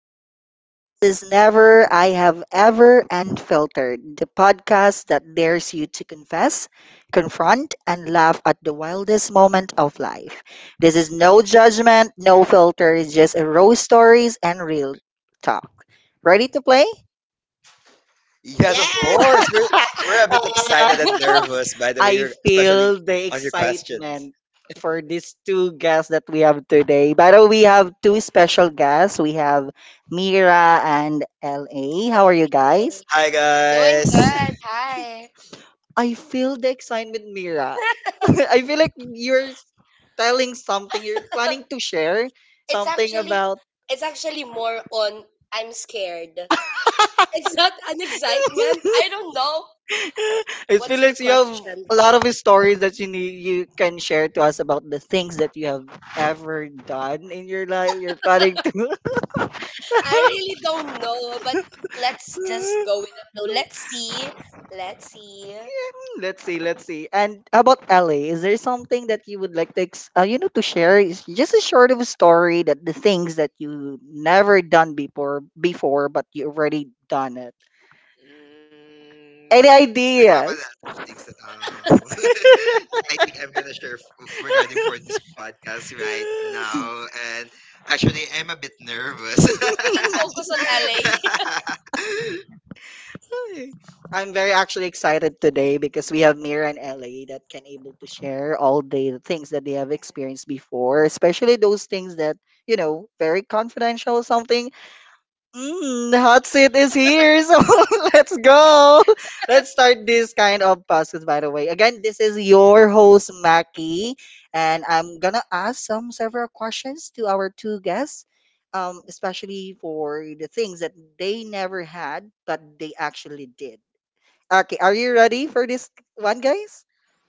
listener. This is Never I Have Ever Unfiltered, the podcast that dares you to confess, confront, and laugh at the wildest moment of life. This is no judgment, no filter, it's just a raw stories and real talk. Ready to play? Yes, of Yes. course. We're we're a bit Ah. excited and nervous, by the way, I you're- especially feel the on your questions. excitement for these two guests that we have today. By the way, we have two special guests. We have Mira and LA. How are you guys? Hey. Hi, Doing guys. guys. Good. Mm, Hi. I feel the excitement, Mira. I feel like you're telling something, you're planning to share It's something actually about. it's actually more on, I'm scared. It's not an excitement. I don't know It what's feels the like you have question, a lot but of stories that you need, you can share to us about the things that you have ever done in your life. You're planning I really don't know. But let's just to. go with the flow. Let's see. Let's see. Yeah, let's see, let's see. And how about LA? Is there something that you would like to, to share? Is just a short of a story that the things that you never done before, but you already done it. I Any have a ideas? lot of things that that I think I'm gonna share f- regarding for this podcast right now, and actually I'm a bit nervous. We can focus on LA. Hi. I'm very actually excited today because we have Mira and LA that can able to share all the things that they have experienced before, especially those things that, very confidential or something. Mm, the hot seat is here, so let's go. Let's start this kind of podcast, by the way. Again, this is your host, Maki, and I'm gonna ask some several questions to our two guests, especially for the things that they never had, but they actually did. Okay, are you ready for this one, guys?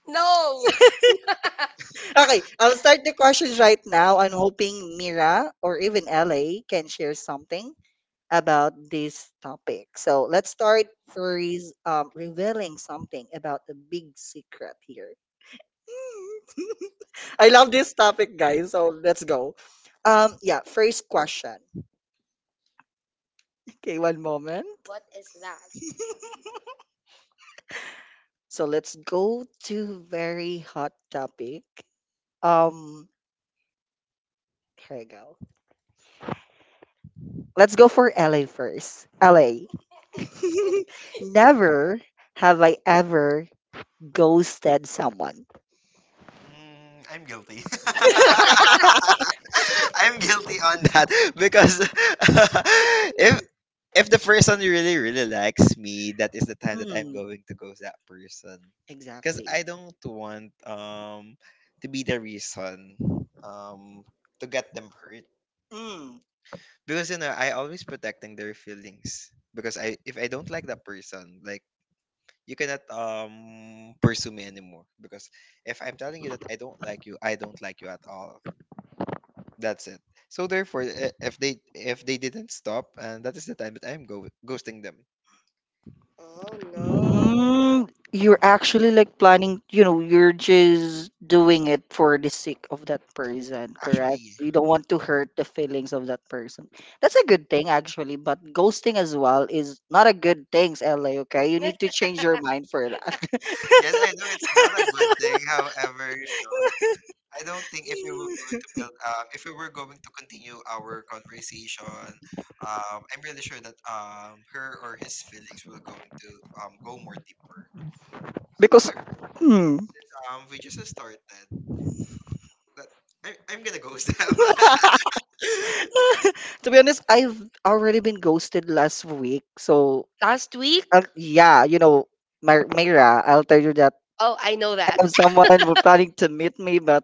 No. Okay, I'll start the questions right now. I'm hoping Mira or even LA can share something about this topic. So let's start first revealing something about a big secret here. I love this topic, guys. So let's go. Yeah, first question. Okay, one moment. What is that? So let's go to very hot topic. Um, here we go. Let's go for LA first. LA. Never have I ever ghosted someone. Mm, I'm guilty. I'm guilty on that because if the person really likes me, that is the time that I'm Hmm, going to ghost that person. Because exactly. I don't want to be the reason um to get them hurt. Mm. Because you know I always protecting their feelings. Because I if I don't like that person, like you cannot pursue me anymore, because if I'm telling you that I don't like you, I don't like you at all, that's it. So therefore, I- if they didn't stop, and that is the time that ghosting them Oh no. Mm, you're actually like planning, you're just doing it for the sake of that person, actually. correct? You don't want to hurt the feelings of that person. That's a good thing, actually, but ghosting as well is not a good thing, LA, okay? You need to change your mind for that. Yes, I know it's not a good thing, however, I don't think if we were going to build if we were going to continue our conversation, um, I'm really sure that um, her or his feelings will going to go more deeper. So Because, hmm. there we just started. But I'm gonna ghost them. I To be honest, I've already been ghosted last week. So, Last week? Yeah, Myra, I'll tell you that. Oh, I know I that. have someone who planning to meet me, but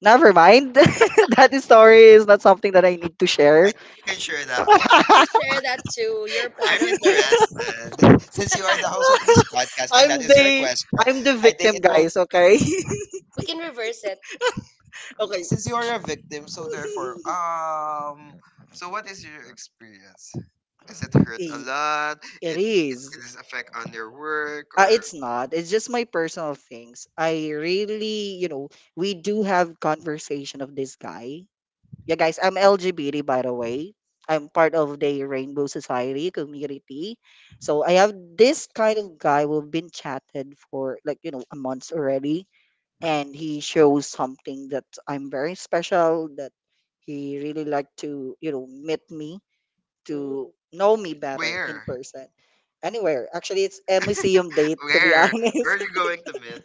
never mind. That story is not something that I need to share. think you can share that You can one. share that too. You're part I'm of this. interested. Since you are the host of this podcast and that I'm is your the question, I'm the I think victim, it will, guys. Okay, We can reverse it. okay. since you are a victim, so therefore, so what is your experience? Is it hurt a I- lot? It It is. it is affect on your work, or It's not. It's just my personal things. I really, we do have conversation of this guy. Yeah, guys, I'm LGBT by the way. I'm part of the Rainbow Society community. So I have this kind of guy we've been chatted for like, a month already. And he shows something that I'm very special, that he really like to, meet me to know me better in where? person. Anywhere. Actually it's a museum date to be Where? honest. Where are you going to meet?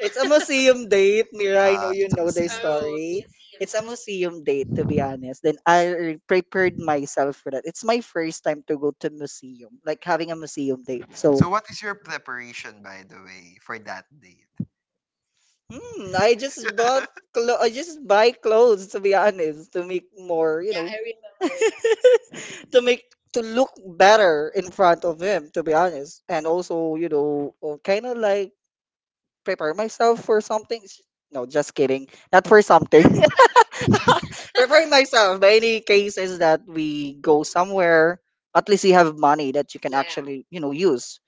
It's a museum date, Mira. I know you It's a know the Muslim thing. Oh, yeah, story. It's a museum date, to be honest. Then I prepared myself for that. It's my first time to go to museum, like having a museum date. So, So what is your preparation, by the way, for that day? hmm, I just bought, I just buy clothes, to be honest, to make more, I remember. to make to look better in front of him, to be honest. And also, kind of like prepare myself for something. No, just kidding. Not for something. Prefer myself. But any case is that we go somewhere, at least you have money that you can Yeah. actually, use.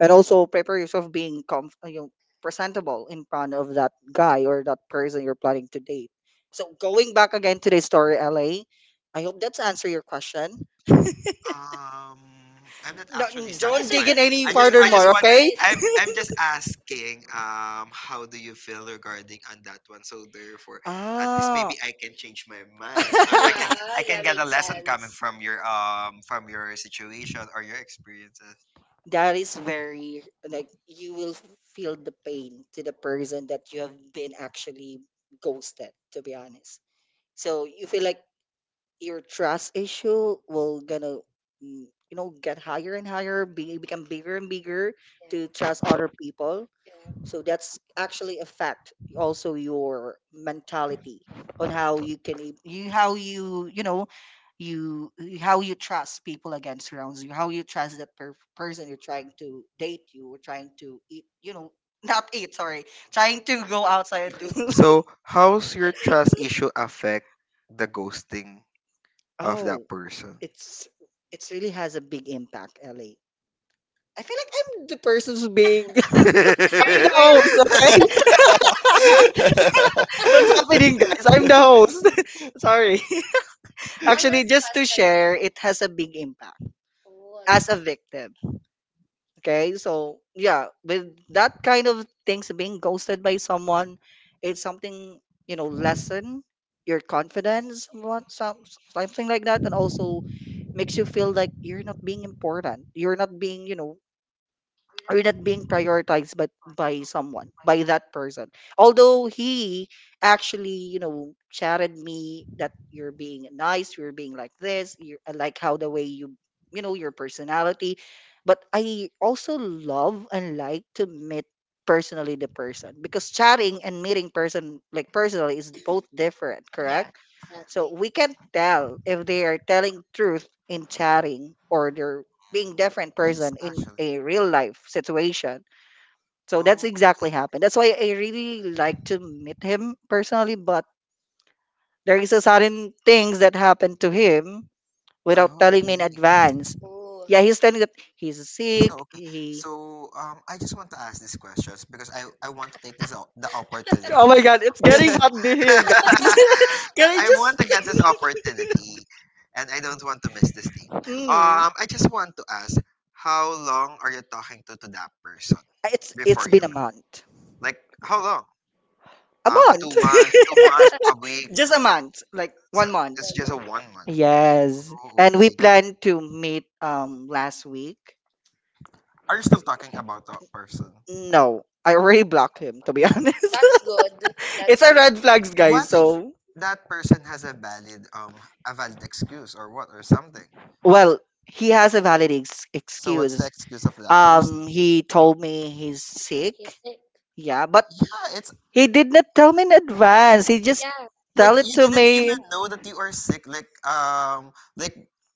And also prepare yourself being presentable in front of that guy or that person you're planning to date. So going back again to the story, LA, I hope that's answer your question. Um, I'm not No, actually don't dig satisfied. in any You're not further I just more, want, okay? satisfied. I'm just asking, how do you feel regarding on that one? So therefore, at least Ah. maybe I can change my mind, or I Yeah, can, I yeah, can get a makes lesson coming sense. From your situation or your experiences. That is very like you will feel the pain to the person that you have been actually ghosted, to be honest. So you feel like your trust issue will gonna mm, get higher and higher, become bigger and bigger, Yeah, to trust other people. So that's actually affect also your mentality on how you can e- you how you you know you you- how you trust people again surrounds you, how you trust that person you're trying to date you or trying to eat, not eat, sorry, trying to go outside and do. So how's your trust issue affect the ghosting of that Oh, person? it's it's really has a big impact, Ellie. I feel like I'm the person who's being yeah. Is there I'm the reverse? host, okay? What's happening, guys? I'm the host. Sorry. One Actually, last just to question. share, it has a big impact Oh, as a victim. Okay, so yeah, with that kind of things being ghosted by someone, it's something lessen your confidence, what some something like that, and also makes you feel like you're not being important. You're not being are not being prioritized but by someone by that person, although he actually chatted me that you're being nice, you're being like this, you I like how the way you, you know your personality, but I also love and like to meet personally the person because chatting and meeting person like personally is both different, yeah, correct? So exactly. we can tell if they are telling truth in chatting or they're being Mm. different Yes, person in actually. a real life situation. So that's exactly Okay. happened. That's why I really like to meet him personally, but there is a certain things that happened to him without telling me Okay. in advance. Oh, Yeah, he's telling that he's So, sick. okay. He So, I just want to ask these questions because I want to take this o- the opportunity. Oh my god, it's getting hot in here, guys. Can I I want just to get this opportunity, and I don't want to miss this thing. Mm. I just want to ask, how long are you talking to that person it's before it's you been a met? month. Like, how long? A A month. 2 months, 2 months, a week. Just a month, like So one one month. it's just a month. one month. Yes. Oh, And we okay. planned to meet last week. Are still talking about that person. No, I already blocked him to be honest. That's good. It's That's a good. red flags What guys. if So, that person has a valid um, a valid excuse or what or something? well, he has a valid So what's the excuse. excuse of that person? He told me he's He's sick. sick. Yeah, but Yeah, it's he did not tell me in advance. He just Yeah. like tell it you to didn't me. even know that you are sick. Like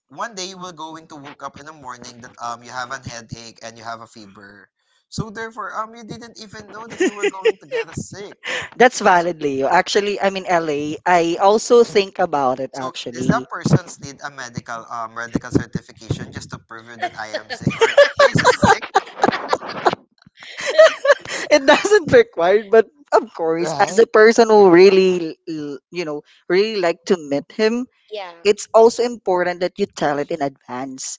one day you will going to woke up in the morning, that um, you have an headache and you have a fever. So therefore, um, you didn't even know that you were going to get a sick. That's So valid, Leo. Actually, I'm in LA. I also think about it so is that actually. person's need a medical medical certification just to prove you that I am sick or he is sick? It doesn't require but of course as Right? a person who really l- you know really like to meet him, Yeah, it's also important that you tell it in advance.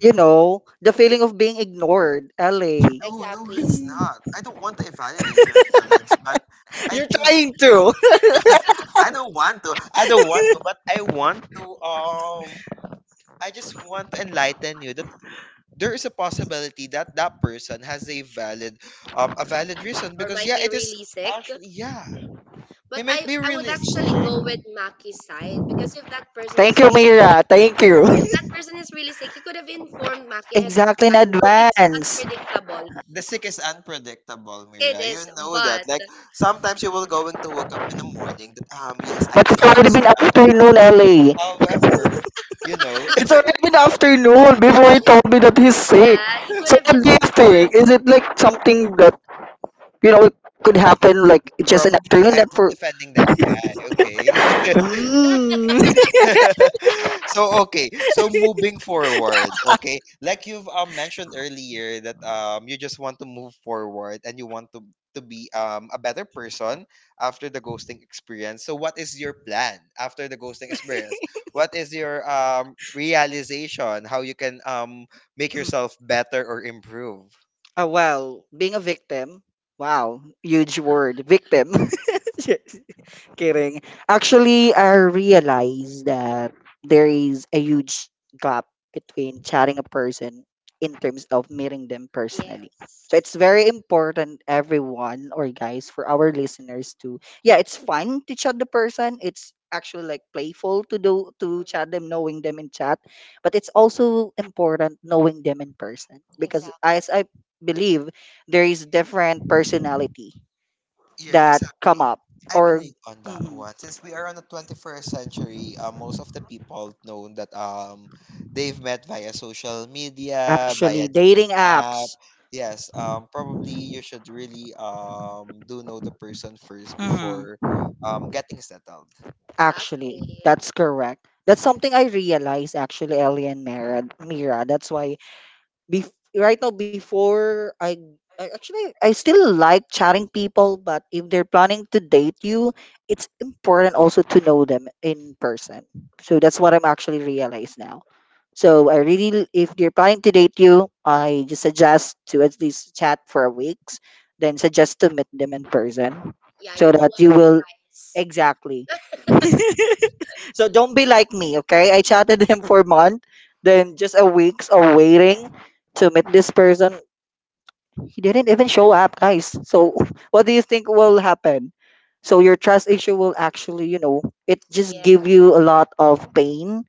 You know the feeling of being ignored, LA. No, no, exactly. it's not. I don't want to invalidate your feelings, but I You're trying think to I don't want to, but I want to. I just want to enlighten you that there is a possibility that that person has a valid reason, Or because might yeah, be it is really sick. actually, yeah, he But might I, be I would really actually sick. go with Maki's side because if that person thank is you really Mira, thank you. if that person is really sick, he could have informed Maki ahead of Exactly, in time. Though it's advance. unpredictable. The sick is unpredictable, It Mira. You is, know but that. Like sometimes you will going to wake up in the morning, that um, yes I But can it's do already this been job, I can do afternoon, this LA. job. However, you know, It's already been afternoon before he told me that he's sick. yeah, he could So have what just do you informed. think, is it like something that you know could happen like just an probably afternoon, I'm that not for defending that guy, okay? 嗯，So okay, so moving forward. Okay, like you've mentioned earlier that um, you just want to move forward, and you want to be um, a better person after the ghosting experience. So what is your plan after the ghosting experience? What is your um, realization? How you can um, make yourself better or improve? Well, being a victim, wow, huge word, victim. Just kidding. Actually, I realized that there is a huge gap between chatting a person in terms of meeting them personally. Yes. So it's very important, everyone or guys, for our listeners to, yeah, it's fun to chat the person. It's actually like playful to do to Mhm. chat them, knowing them in chat, but it's also important knowing them in person because as I believe there is different personality Yes, that come exactly. up I or. believe on that Mhm. one. Since we are on the 21st century, most of the people know that um, they've met via social media, via Actually dating dating app. apps. Yes, um, probably you should really um, do know the person first Mhm. before um, getting settled. Actually Exactly. that's correct, that's something I realized actually, Ellie and Mira, that's why right now before I still like chatting people, but if they're planning to date you, it's important also to know them in person. So that's what I'm actually realized now. So I really, if they're planning to date you, I just suggest to at least chat for a weeks, then suggest to meet them in person, Yeah, you so know what that you to do, will. guys. Exactly. So don't be like me, okay? I chatted him for a month, then just a weeks of waiting to meet this person. He didn't even show up, guys. So what do you think will happen? So your trust issue will actually, it just Yeah. give you a lot of pain,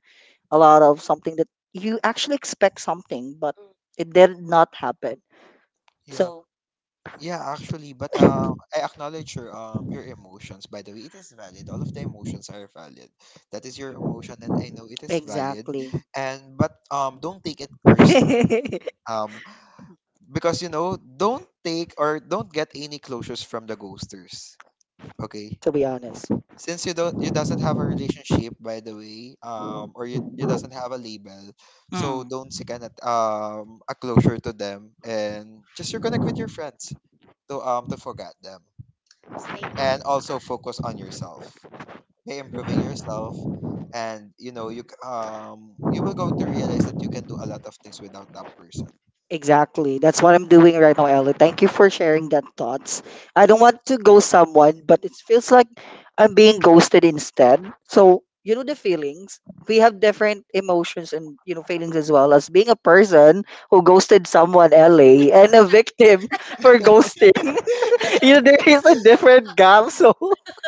a lot of something that you actually expect something, but Mm. it did not happen. Yeah. So Yeah, actually, but I acknowledge your um, your emotions. By the way, it is valid. All of the emotions are valid. That is your emotion, and I know it is valid. exactly. And but don't take it personally. To Um, because you know, don't take or don't get any closures from the ghosters. Okay, be honest. since you don't, you doesn't have a relationship. By the way, or you doesn't have a label, so Mm. don't seek an at- um, a closure to them, and just reconnect with your friends to um, to forget them. Stay And connected. also focus on yourself by improving yourself, and you know, you c- um, you will going to realize that you can do a lot of things without that person. Exactly. That's what I'm doing right now, Ellie. Thank you for sharing that thoughts. I don't want to ghost someone, but it feels like I'm being ghosted instead. So, you know the feelings. We have different emotions and feelings as well as being a person who ghosted someone, Ellie, and a victim for ghosting. There is a different gap. So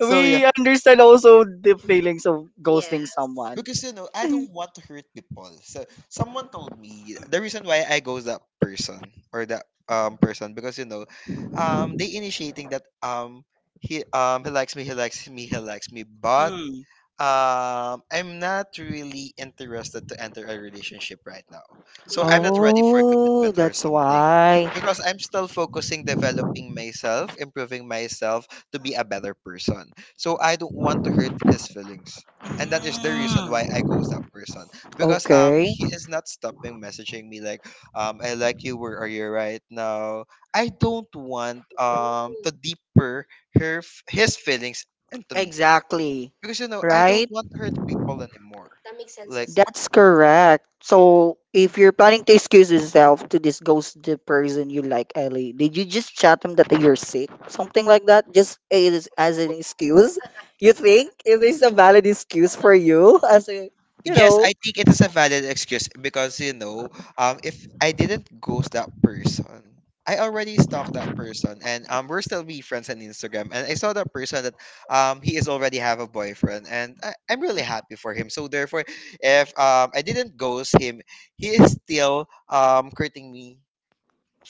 So yeah, understand also the feelings of ghosting Yes. someone. because you know, I don't want to hurt people, so someone told me the reason why I go that person or that um, person, because you know, um, they initiating that um, um, he likes me he likes me, but Mm. um, I'm not really interested to enter a relationship right now. So I'm not Mm. ready for Oh, commitment or that's something, why. because I'm still focusing developing myself, improving myself to be a better person. So I don't want to hurt his feelings. And that is the reason why I ghost that person, because um, Okay. he is not stopping messaging me, like um, I like you, where are you right now? I don't want um, to deeper her f- his feelings into me, Exactly. because you know, I don't Right? want to hurt people anymore. That makes sense Like as That's correct. So if you're planning to excuse yourself to this ghost the person you like, Ellie, did you just chat him that you're sick? Something like that? Just as an excuse? You think it is a valid excuse for you? As a, you yes, know. I think it is a valid excuse, because you know, if I didn't ghost that person, I already stalked that person, and we're still be friends on Instagram. And I saw that person that he is already have a boyfriend, and I'm really happy for him. So therefore, if I didn't ghost him, he is still hurting me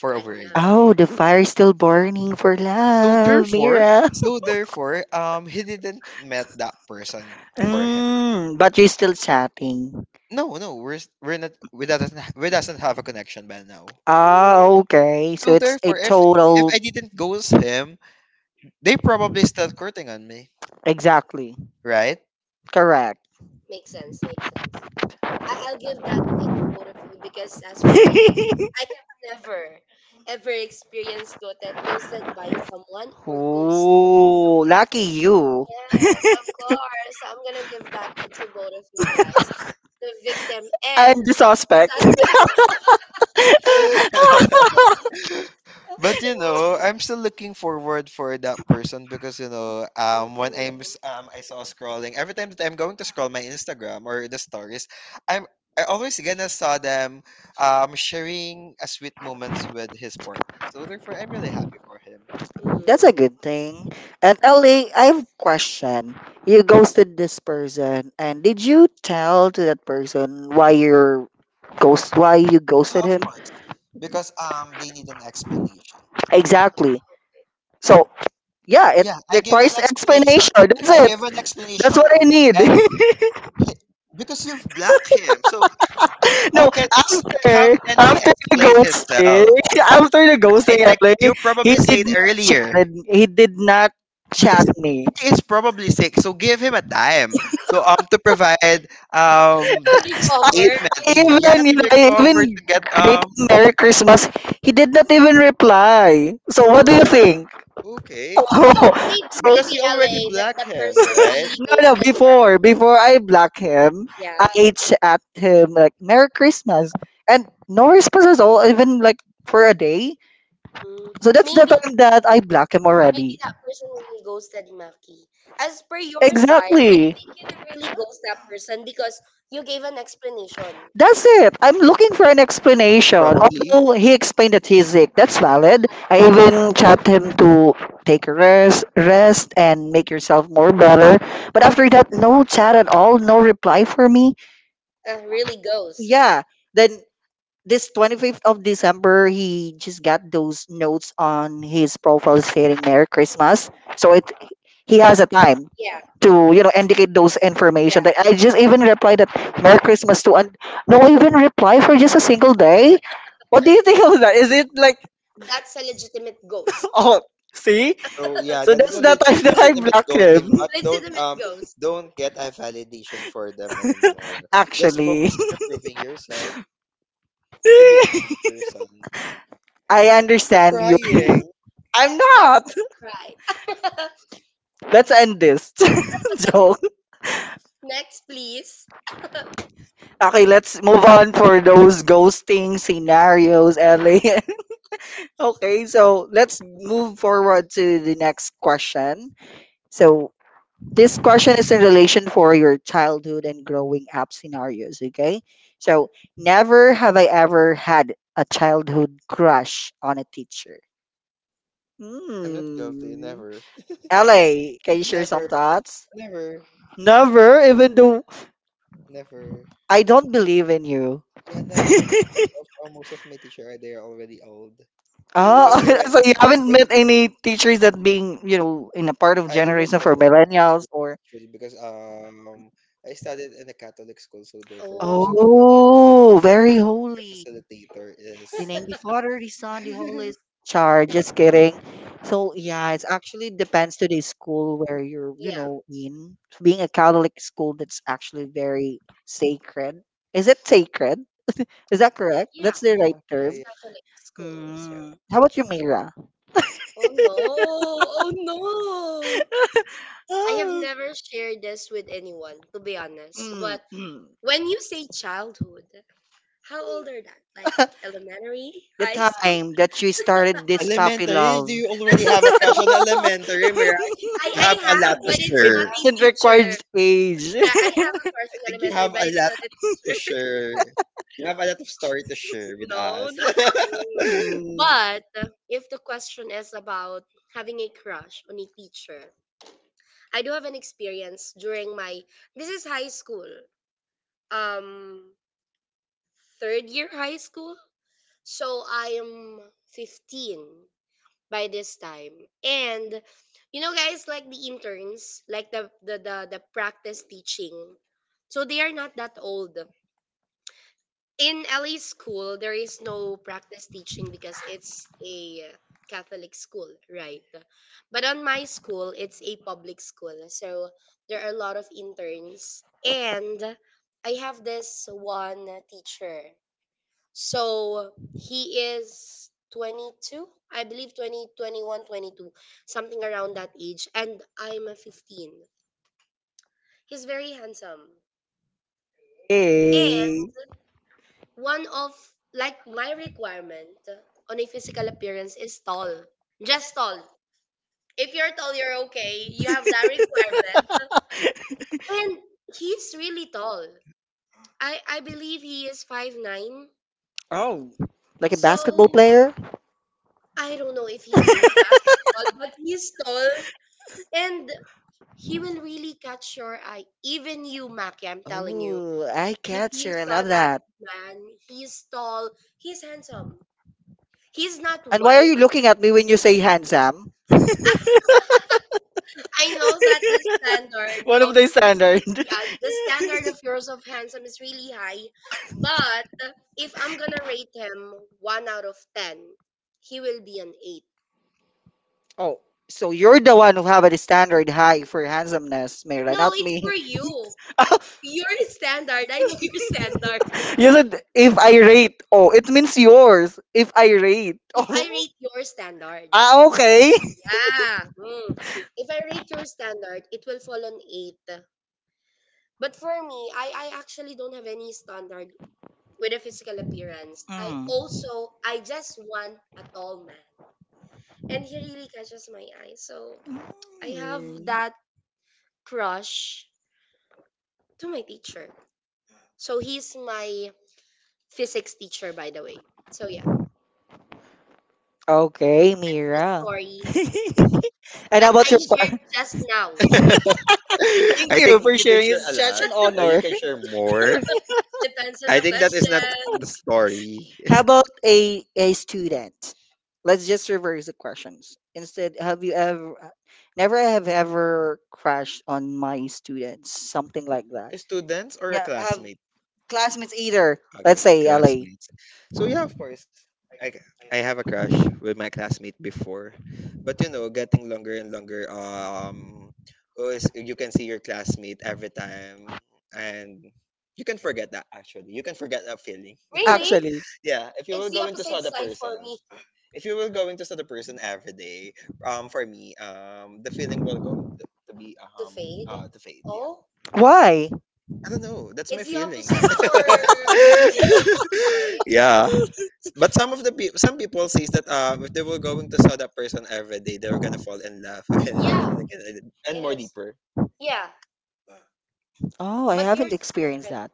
for right over a now. year. Oh, the fire is still burning for So love, therefore, Mira. so therefore, he didn't met that person for him. Mm, but you're still chatting. No, no, we're s- we're not. We doesn't have a connection by now. Ah, Mm, okay. So So it's a therefore, if total. I didn't ghost him, they probably still courting on me, Exactly. right? Correct. makes sense, makes sense. I'll give that to both of you because as for me, I never ever experienced ghosted by someone or ghost. Ooh, lucky you. Yes, of course. I'm gonna give that to both of you guys, the victim I'm and the suspect. suspect. But you know, I'm still looking forward for that person, because you know, Mm, when I'm s- I saw scrolling every time, that I'm going to scroll my Instagram or the stories, I'm I always gonna saw them um, sharing a sweet moments with his partner. So therefore, I'm really happy for him. That's a mm. good thing. And Happy hon. To Ellie, I have a question. You ghosted this person, and did you tell to that person why you Yeah, ghosted of him? course, because um, they need an explanation. Exactly. So, yeah, it Yeah, I gave an requires explanation. explanation. That's I it. gave an explanation, That's what I need. and he- because you've blocked him, so how No, can ex- how after can he after the explain ghosting, himself? after the And ghosting, like LA, you he probably did said not earlier, chat. He did not because chat me. he is probably sick, so give him a time to um, to provide um, that I recover. statement. Yeah, to recover, even to get greeted um, Merry Christmas. He did not even reply. So what do you Oh. think? okay. Maybe, So Because he maybe already LA that black the him, person right? really no, no, ghosted Mac. before before I block him, Yeah. I ate at him like Merry Christmas and no response at all, even like for a day. Mm, So so that's the maybe time that I block him maybe already. that person really ghosted Maki. As per your side, I Exactly. don't really ghost that person because you gave an explanation. That's it. I'm looking for an explanation. Probably. Although he explained that he's sick, that's Yeah, valid. I even chat him to take a rest, and make yourself more better. But after that, no chat at all, no reply for me. Really ghost. Yeah, Yeah. Then this 25th of December, he just got those notes on his profile stating Merry Christmas. So it He has a time to, you know, indicate those information. yeah, Like, I just even replied that Merry Christmas to and no even reply for just a single day. What do you think of that? Is it like that's a legitimate ghost. oh, see? So yeah, So that is that's a the legit, time that I legitimate blocked ghosting, him. but don't Legitimate um, ghost. don't get a validation for them anymore. Just Actually. focus on improving yourself to be a better person. I Stop understand you. crying. I'm Let, not. let's not try. Let's end this. Joke. Next, please. Okay, let's move on for those ghosting scenarios, Ellie. Okay, so let's move forward to the next question. So this question is in relation for your childhood and growing up scenarios, okay? So never have I ever had a childhood crush on a teacher. I'm not guilty. Hmm. Never. Ellie, can you share Never. some thoughts? Never. Never, even though Never. I don't believe in you. Yeah, never because most of my teacher are they're already old. Oh, Because I went, Ooh. so you haven't met because any teachers that being, you know, in a part of I didn't generation for even mind, millennials or actually because um, I studied in a Catholic school, so therefore most of Oh, oh, very the holy. facilitator is The name the Father, the Son, the yeah, Holy Char, just kidding. So yeah, it's actually depends to the school where you're, you yeah, know, in. Being a Catholic school that's actually very sacred. Is it sacred? Is that correct? yeah. That's the right yeah, term. It's yeah. Catholic school, so. Hmm. How about you, Mira? Oh no! Oh no! I have never shared this with anyone, to be honest. Mm, But mm. when you say childhood, how old are that? Like elementary, The high school? time that you started this puppy Elementary? love. Do you already have a crush on elementary? Mira? I, You have I a have, lot to but it's It not share. I a doesn't require teacher. age. Yeah, I have a crush on think you elementary, have a but it's lot not a to teacher. share. You have a lot of story to share with No, us. no. Hmm. But if the question is about having a crush on a teacher, I do have an experience during my this is high school, um, third year high school. So I am 15 by this time. And you know guys like the interns, like the practice teaching. So they are not that old. In LA school, there is no practice teaching because it's a Catholic school, right? But on my school, it's a public school. So there are a lot of interns and I have this one teacher. So he is 22, I believe 20 21, 22, something around that age. And I'm a 15. He's very handsome. And Hey. one of, like, my requirement on a physical appearance is tall. Just tall. If you're tall, you're okay. You have that requirement. And he's really tall. I believe he is 5'9". Oh, like a So basketball player? I don't know if he plays basketball, but he's tall. And he will really catch your eye. Even you, Maki, I'm telling you. Oh, I If you catcher. I saw love that that. man, he's tall, he's handsome. He's not And why are white. you looking at me when you say handsome? I know that the standard One of of the yeah, standard. the standard of yours of handsome is really high, but if I'm gonna rate him one out of 10, he will be an eight. Oh, so you're the one who have a standard high for handsomeness, Mira, No, not it's me. for you. Your standard. I know your standard. You said if I rate. Oh, it means yours. If I rate. If I rate your standard. Oh, ah, okay. Ah, hmm. If I rate your standard, it will fall on eight. But for me, I actually don't have any standard with a physical appearance. I Mm. also, I just want a tall man. And he really catches my eye. So I have Mm. that crush to my teacher. So he's my physics teacher, by the way. So yeah, Okay, Mira. story And how that about I your shared par- just now. Thank I you think for you can sharing. share a It's such lot. an You honor. can share more. Depends on I the think that is not the question. story. How about a student? Let's just reverse the questions. Instead, have you ever never have ever crashed on my students? Something like that. Students or a Yeah, have classmate? classmates either. Okay, Let's say LA. classmates. So yeah, of course, i- c- I have a crush with my classmate before, but you know, getting longer and longer. Who is you can see your classmate every time, and you can forget that actually. You can forget that feeling. Really? Actually. Yeah, if you It's will the go into saw opposite the side person, for me. if you will go into saw the person every day, for me, the feeling will go into to be To um, fade. uh, to fade. Oh, Why? I don't know. That's my it's the feelings. opposite for most, right? Yeah. But some of the people, some people says that if they were going to saw that person every day, they were gonna fall in love again and Yeah, again and again and more it is. deeper. Yeah, Oh, I but haven't yours is experienced different. that.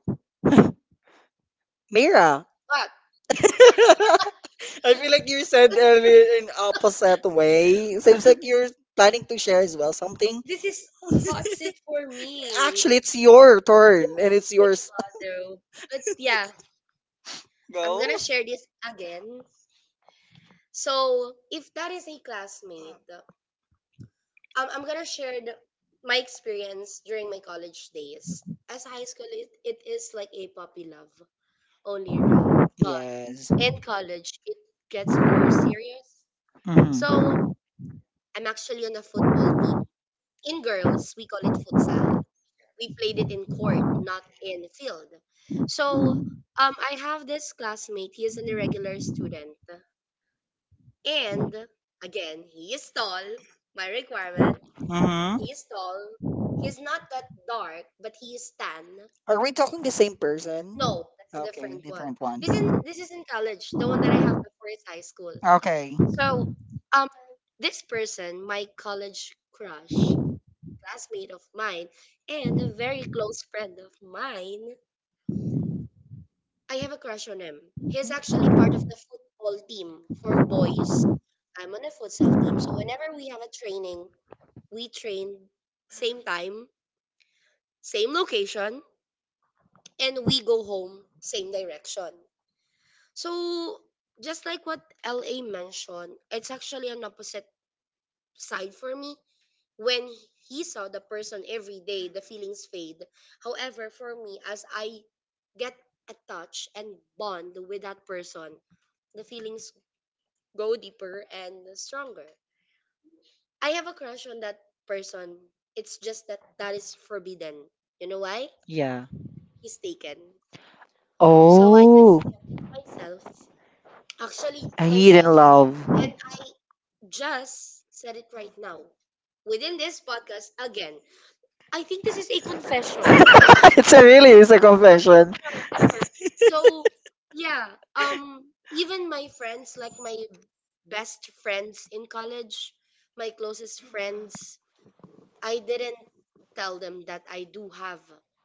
Mira. But I feel like you said earlier in opposite way. Seems like you're planning to share as well something. this is hot seat for me. Actually, it's your turn and it's yours. Though. But yeah, I'm Go. gonna share this again. So if that is a classmate, I'm gonna share my experience during my college days. As high school, it is like a puppy love only, right? But. Yes. In college, it gets more serious. So Mm-hmm. I'm actually on a football team. In girls, we call it futsal. We played it in court, not in field. So I have this classmate. He is an irregular student. And again, he is tall. My requirement, Mm-hmm. he is tall. He's not that dark, but he is tan. Are we talking the same person? No, it's a Okay, different one. different one. This is in college, the one that I have before is high school. Okay. So, um, this person, my college crush, classmate of mine, and a very close friend of mine, I have a crush on him. He's actually part of the football team for boys. I'm on a futsal team, so whenever we have a training, we train same time, same location, and we go home same direction. So, just like what LA mentioned, it's actually an opposite side for me. When he saw the person every day, the feelings fade. However, for me, as I get attached and bond with that person, the feelings go deeper and stronger. I have a crush on that person. It's just that that is forbidden. You know why? Yeah. He's taken. So I did Oh, myself, actually a hidden myself, love. and I just said it right now within this podcast again. I think this is a confession. It's a really it's a Not confession. ever. So yeah, um, even my friends, like my best friends in college, my closest friends, I didn't tell them that I do have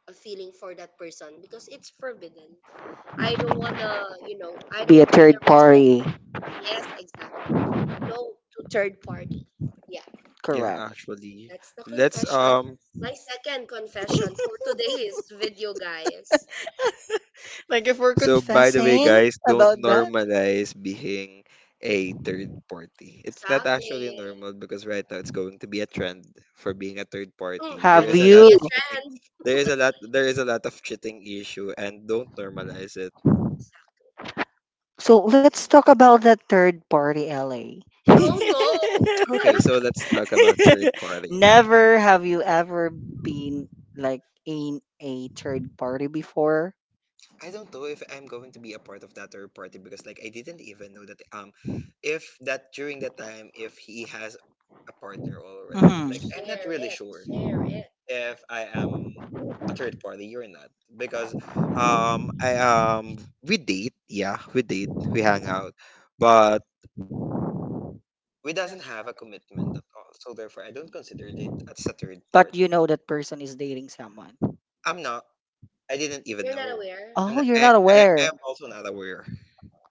a feeling for that person because it's forbidden. I don't wanna, I don't Be a want to be the third reason. party. Yes, exactly. No to third party. Yeah, Yeah, Correct. actually. that's the Let's confession. My second confession for today is video guys. Like if we're so by the way confessing guys, don't about that. normalize being a third party. It's not actually Exactly. normal because right now it's going to be a trend for being a third Mm, party. There I Have don't is a want to lot be you? a of trend. there is a lot there is a lot of cheating issue and don't normalize it. So let's talk about that third party, LA. No, no. Okay, so let's talk about third party. Never have you ever been like in a third party before? I don't know if I'm going to be a part of that third party because like I didn't even know that if that during that time if he has a partner already. Hmm. Like I'm not Share really it. sure Share it. if I am a third party, you're not. Because I we date, yeah, we date, we hang out, but we doesn't have a commitment at all. So therefore I don't consider it as a third But you party. know that person is dating someone. I'm not I didn't even You're not know. aware? Oh, you're not aware. I'm also not aware.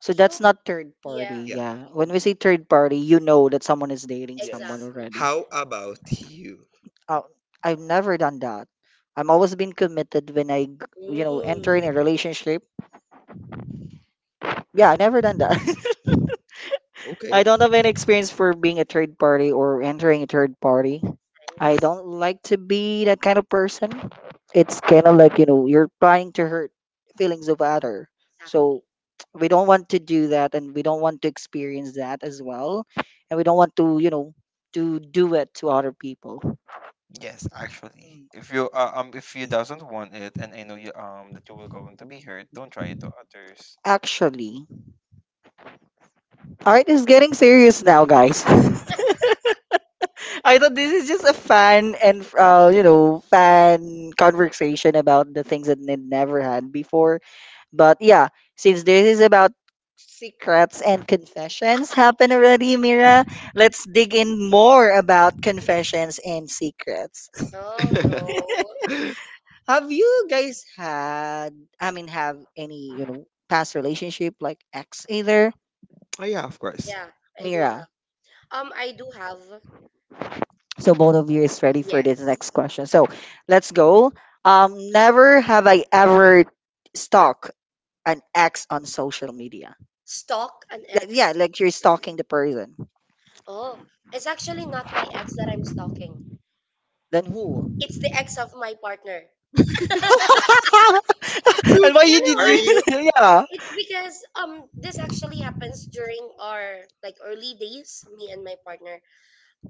So that's Sure. not third Yeah, party. Yeah, Yeah. When we say probably. third party, you know that someone is dating someone Yes. exactly. already. How about you? Oh, I've never done that. I'm always been committed when I, g- you know, enter Mm, in a relationship. Yeah, I never done that. I Okay. don't have any experience for being a third party or entering a third party. I nice. don't like to be that kind of person. It's kind of like, you know, you're trying to hurt feelings of other. So Exactly. we don't want to do that and we don't want to experience that as well. And we don't want to, you know, to do it to other people. Yes, actually, Mm. If you doesn't want it, and I know you that you will going to be hurt, don't try it to others. Actually, all right, it's getting serious now, guys. I thought this is just a fan and you know fan conversation about the things that they never had before. But yeah, since this is about secrets and confessions happen already, Mira, let's dig in more about confessions and secrets. Oh, no. Have you guys had? I mean, have any you know past relationship like ex either, Oh yeah, of course. Yeah, I do have. Mira? I do have, So both of you is ready for this yes. next question. So let's go. Never have I ever stalked an ex on social media. Stalk an Like, yeah, ex. like you're stalking the person. Oh, it's actually not my ex that I'm stalking. Then who? It's the ex of my partner. And So, why You you know did are you? why? you Yeah. It's because this actually happens during our like early days, me and my partner.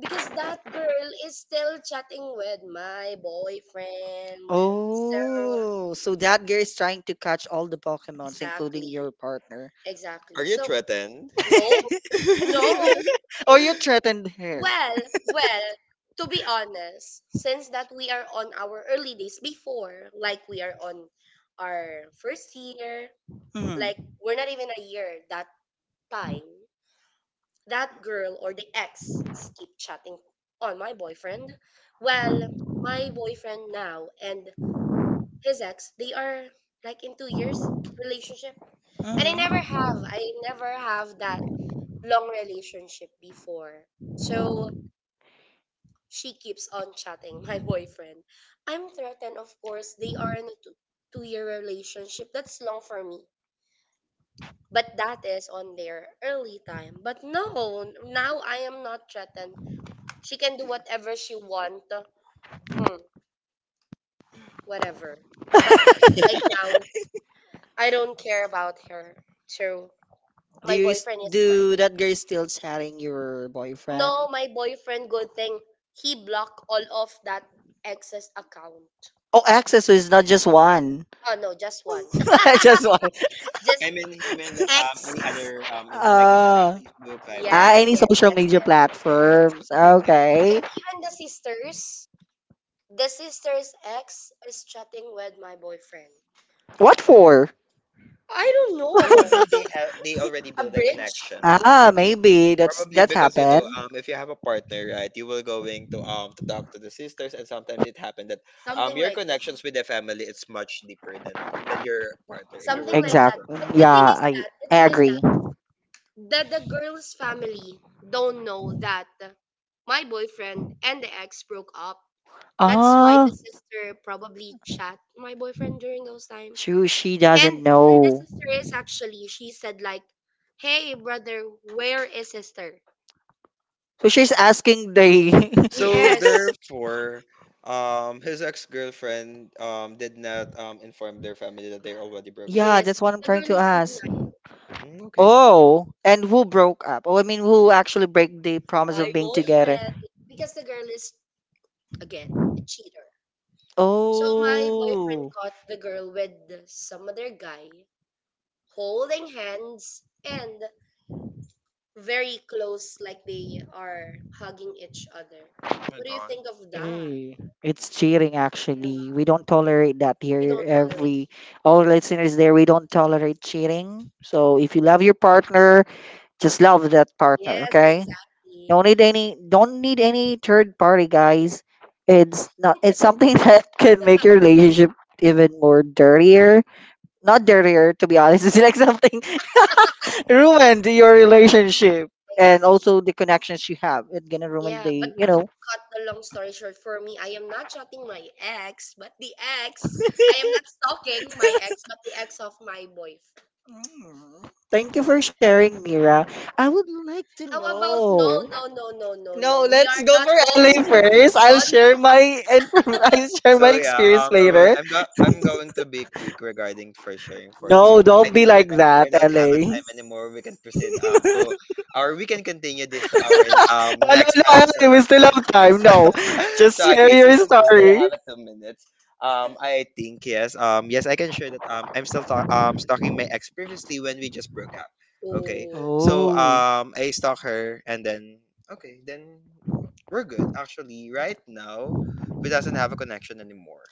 Because that girl is still chatting with my boyfriend. So, Oh, so that girl is trying to catch all the Pokemons, including exactly. your partner. are Exactly. you So, threatened? no, no. Or you threatened her. Well, well, to be honest, since that we are on our early days before, like we are on our first year, Mhm. like we're not even a year that time, that girl or the ex keep chatting on my boyfriend. Well, my boyfriend now and his ex, they are like in 2 years relationship. And I never have, Mhm. I never have that long relationship before. So she keeps on chatting my boyfriend. I'm threatened, of course. They are in a 2 year relationship. That's long for me. But that is on their early time. But no, now I am not threatened. She can do whatever she want. Hmm, whatever. But right now, I don't care about her. So Do my you s- boyfriend is mine. do that girl still chatting your boyfriend? No, my boyfriend, good thing he blocked all of that ex's account. Oh, access is not just one. Oh no, just one. Just one. Just I mean, he meant that any ex. other is like Uh, Instagram, Facebook, Viber, yeah, ah, Yes, any yes, social yes, media yes. and social platforms. media. Yeah. Okay. And even the sisters, the sister's ex is chatting with my boyfriend. What for? I don't know. Probably they already A build a bridge? connection. Ah, maybe that's Probably that because you know, happened. If you have a partner, right, you will going to talk to the sisters, and sometimes it happened that Something your like that. connections with the family is much deeper than your partner if you were Something going like Exact. that. to. But the Yeah, thing is I, that the I thing is that agree. that the girl's family don't know that my boyfriend and the ex broke up. That's why Ah, the sister probably chat my boyfriend during those times. true, she And doesn't and the know. sister is actually she said like, "Hey brother, where is sister?" So she's asking the. So Yes, therefore, his ex girlfriend did not inform their family that they already broke up. Yeah, yes. that's what I'm The trying girl to is saying ask. Mm, okay. Oh, and who broke up? Oh, I mean, who actually break the promise my of being together? boyfriend because the girl is again a cheater. So my boyfriend Oh, caught the girl with some other guy holding hands and very close, like they are hugging each other. What do you think of that? hey, it's cheating Yeah, actually. We don't tolerate that we here. don't tolerate. Every all listeners there, we don't tolerate cheating. So if you love your partner, just love that partner, Yes, okay? exactly. Don't need any third party guys. It's not It's something that can make your relationship even more dirtier. Not dirtier to be honest, it's like something ruined your relationship and Exactly. also the connections you have. It's gonna ruin Yeah, but the you to know cut the long story short, for me, I am not chatting my ex, but the ex, I am not stalking my ex, but the ex of my boyfriend. Mm. Thank you for sharing, Mira. I would like to How about no, know. no, no, no, no, No, no? We let's are go not for going LA to move first. I'll on. share my inform- I'll share my So yeah, experience probably later. I'm going to be quick regarding for sharing for this No, because don't I be think like that, we don't have a LA. time anymore. We can proceed to our we can continue this to our Oh, no, next no, LA, episode we of still have podcast. time. No, So just share okay, so your since we still story. have a 2 minutes, I think yes, yes, I can share that I'm still stalking my ex previously when we just broke up. Okay, Oh, so Oh, I stalk her and then okay, then we're good actually right now who doesn't have a connection anymore.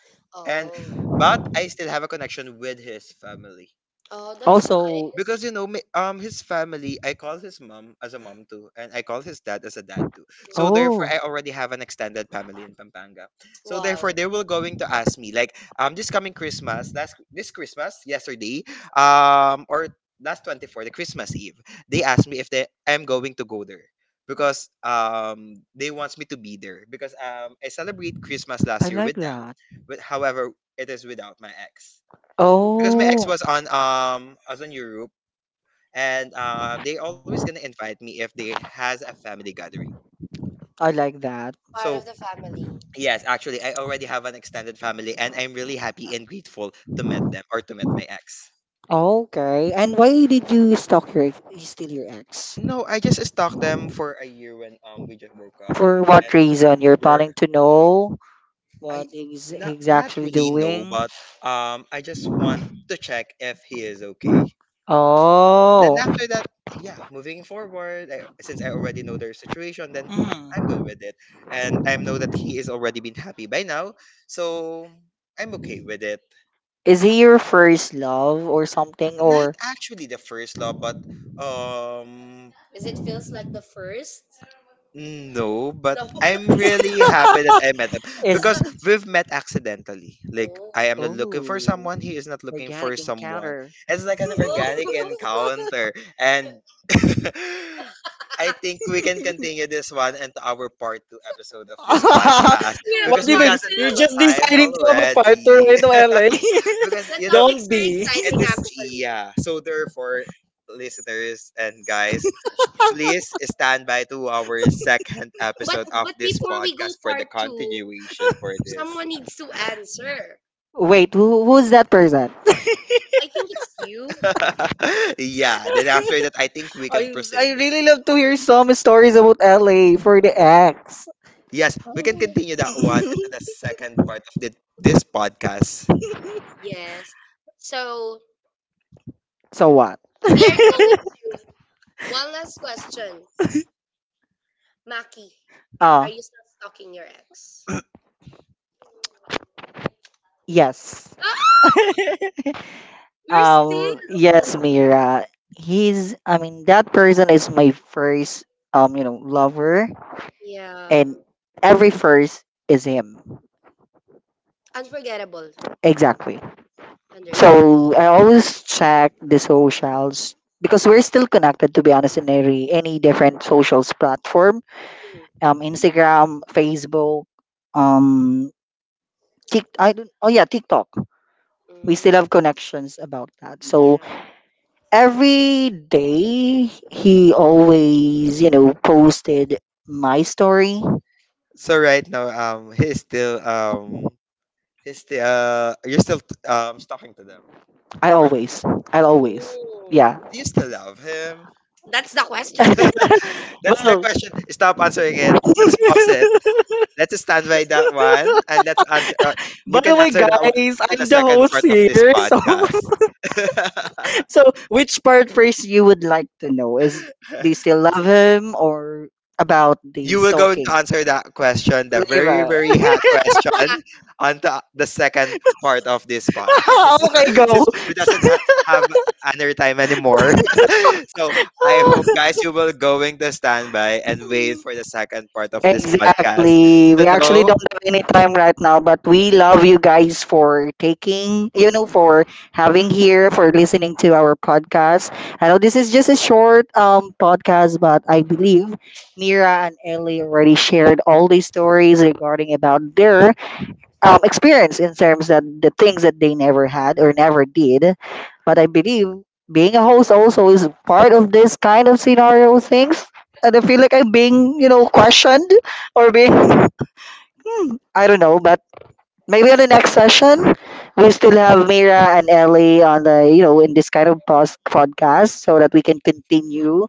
And oh, but I still have a connection with his family. oh, that's also, nice. Because you know, his family, I call his mom as a mom too, and I call his dad as a dad too. So therefore, oh, I already have an extended family in Pampanga. So Wow. therefore, they will going to ask me like, this coming Christmas, last this Christmas, yesterday, or last 24, the Christmas Eve, they asked me if they am going to go there because they wants me to be there because I celebrate Christmas I last year like with them, that. but however, it is without my ex Mm, because my ex Oh, was on Europe and they always gonna invite me if they has a family gathering. I like that. part So of the family. yes, actually, I already have an extended family, and I'm really happy and grateful to meet them or to meet my ex. Okay. And why did you stalk your you steal your ex? No, I just stalked them for a year when we just broke up, For what and reason? You're planning we're to know what I he's, not he's not actually really know, doing? but I just want to check if he is okay. Then Oh. after that, yeah, moving forward, I, since I already know their situation, then I'm good Mhm. with it. And I know that he is already been happy by now. So I'm okay with it. Is he your first love or something Not or actually the first love, but um Is it feels like the first? no, but No. I'm really happy that I met him is because we've met accidentally. Like Oh. I am not looking for oh, someone, he is not looking for organic someone. encounter? It's like an Oh, organic encounter, and I think we can continue this one into our part two episode of this podcast we have What a because do you we part mean? doesn't You're have two. a just time deciding to have a part two already. right now, LA. Because The you know topics Don't are be. it exciting, is actually. yeah. So therefore, listeners and guys, please stand by to our second But episode of but this before we go podcast for the part two, continuation for this. someone needs to answer. Wait, who's that person? I think it's you. Yeah, then after that, I think we can I proceed. really love to hear some stories about LA for the ex. Yes, we can continue that one into the second part of the, this podcast. Yes. So So what? we are going to one last question. Maki, are Oh. you still stalking your ex? Yes. Ah, you're still no. Yes, Mira. He's, I mean, that person is my first, you know, lover. Yeah. And every first is him. Unforgettable. Exactly. Understand. So I always check the socials because we're still connected to be honest in every any different socials platform. Um, Instagram, Facebook, um, Tik I don't oh yeah, TikTok. We still have Mm. connections about that. So every day he always, you know, posted my story. So right now, he's still you're still talking to them. I Or always. I always. Oh, Yeah. do you still love him? that's the question. That's the question. Stop answering it. Well, Let's pause it. Let's stand by that one, and let's answer. By You the can way, answer that one guys, at the I'm the second host part of here. this So, podcast. so which part first you would like to know? Is do you still love him or about the You were going to stalking? answer that question, the very, Lyra. very hot question, on the second part of this podcast. Okay, go. Since we doesn't ha- have another time anymore. So I hope, guys, you will going to stand by and wait for the second part of Yeah. this podcast Exactly. to We actually know. don't have any time right now, but we love you guys for taking, you know, for having here, for listening to our podcast. I know this is just a short podcast, but I believe Nira and Ellie already shared all these stories regarding about their experience in terms that the things that they never had or never did. But I believe being a host also is part of this kind of scenario things. And I feel like I'm being, you know, questioned or being, hmm, I don't know, but maybe on the next session, we still have Mira and Ellie on the, you know, in this kind of pos- podcast so that we can continue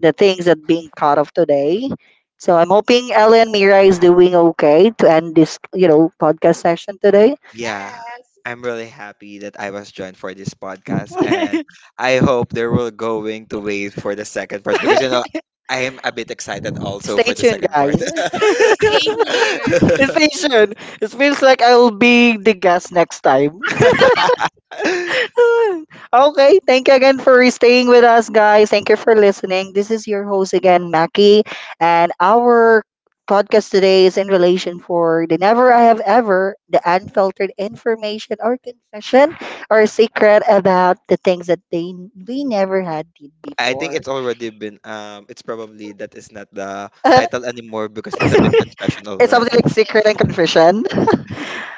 the things that being caught of today. So I'm hoping Ellie and Mira is doing okay to end this, you know, podcast session today. Yeah, I'm really happy that I was joined for this podcast, and I hope they will going to wait for the second part because you know I am a bit excited also Stay for the tuned, second part. guys. Same Stay tuned. It feels like I'll be the guest next time. Okay, thank you again for staying with us, guys. Thank you for listening. This is your host again, Mackie, and our podcast today is in relation for the never I have ever, the unfiltered information or confession or secret about the things that they we never had did I think before. it's already been it's probably that is not the title anymore because it's a bit confessional It's something already. like secret and here. confession.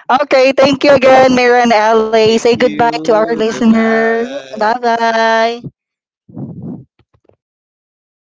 Okay, thank you again, Mira and Ali. Thank Say goodbye to our you. listeners. Goodbye. Bye bye.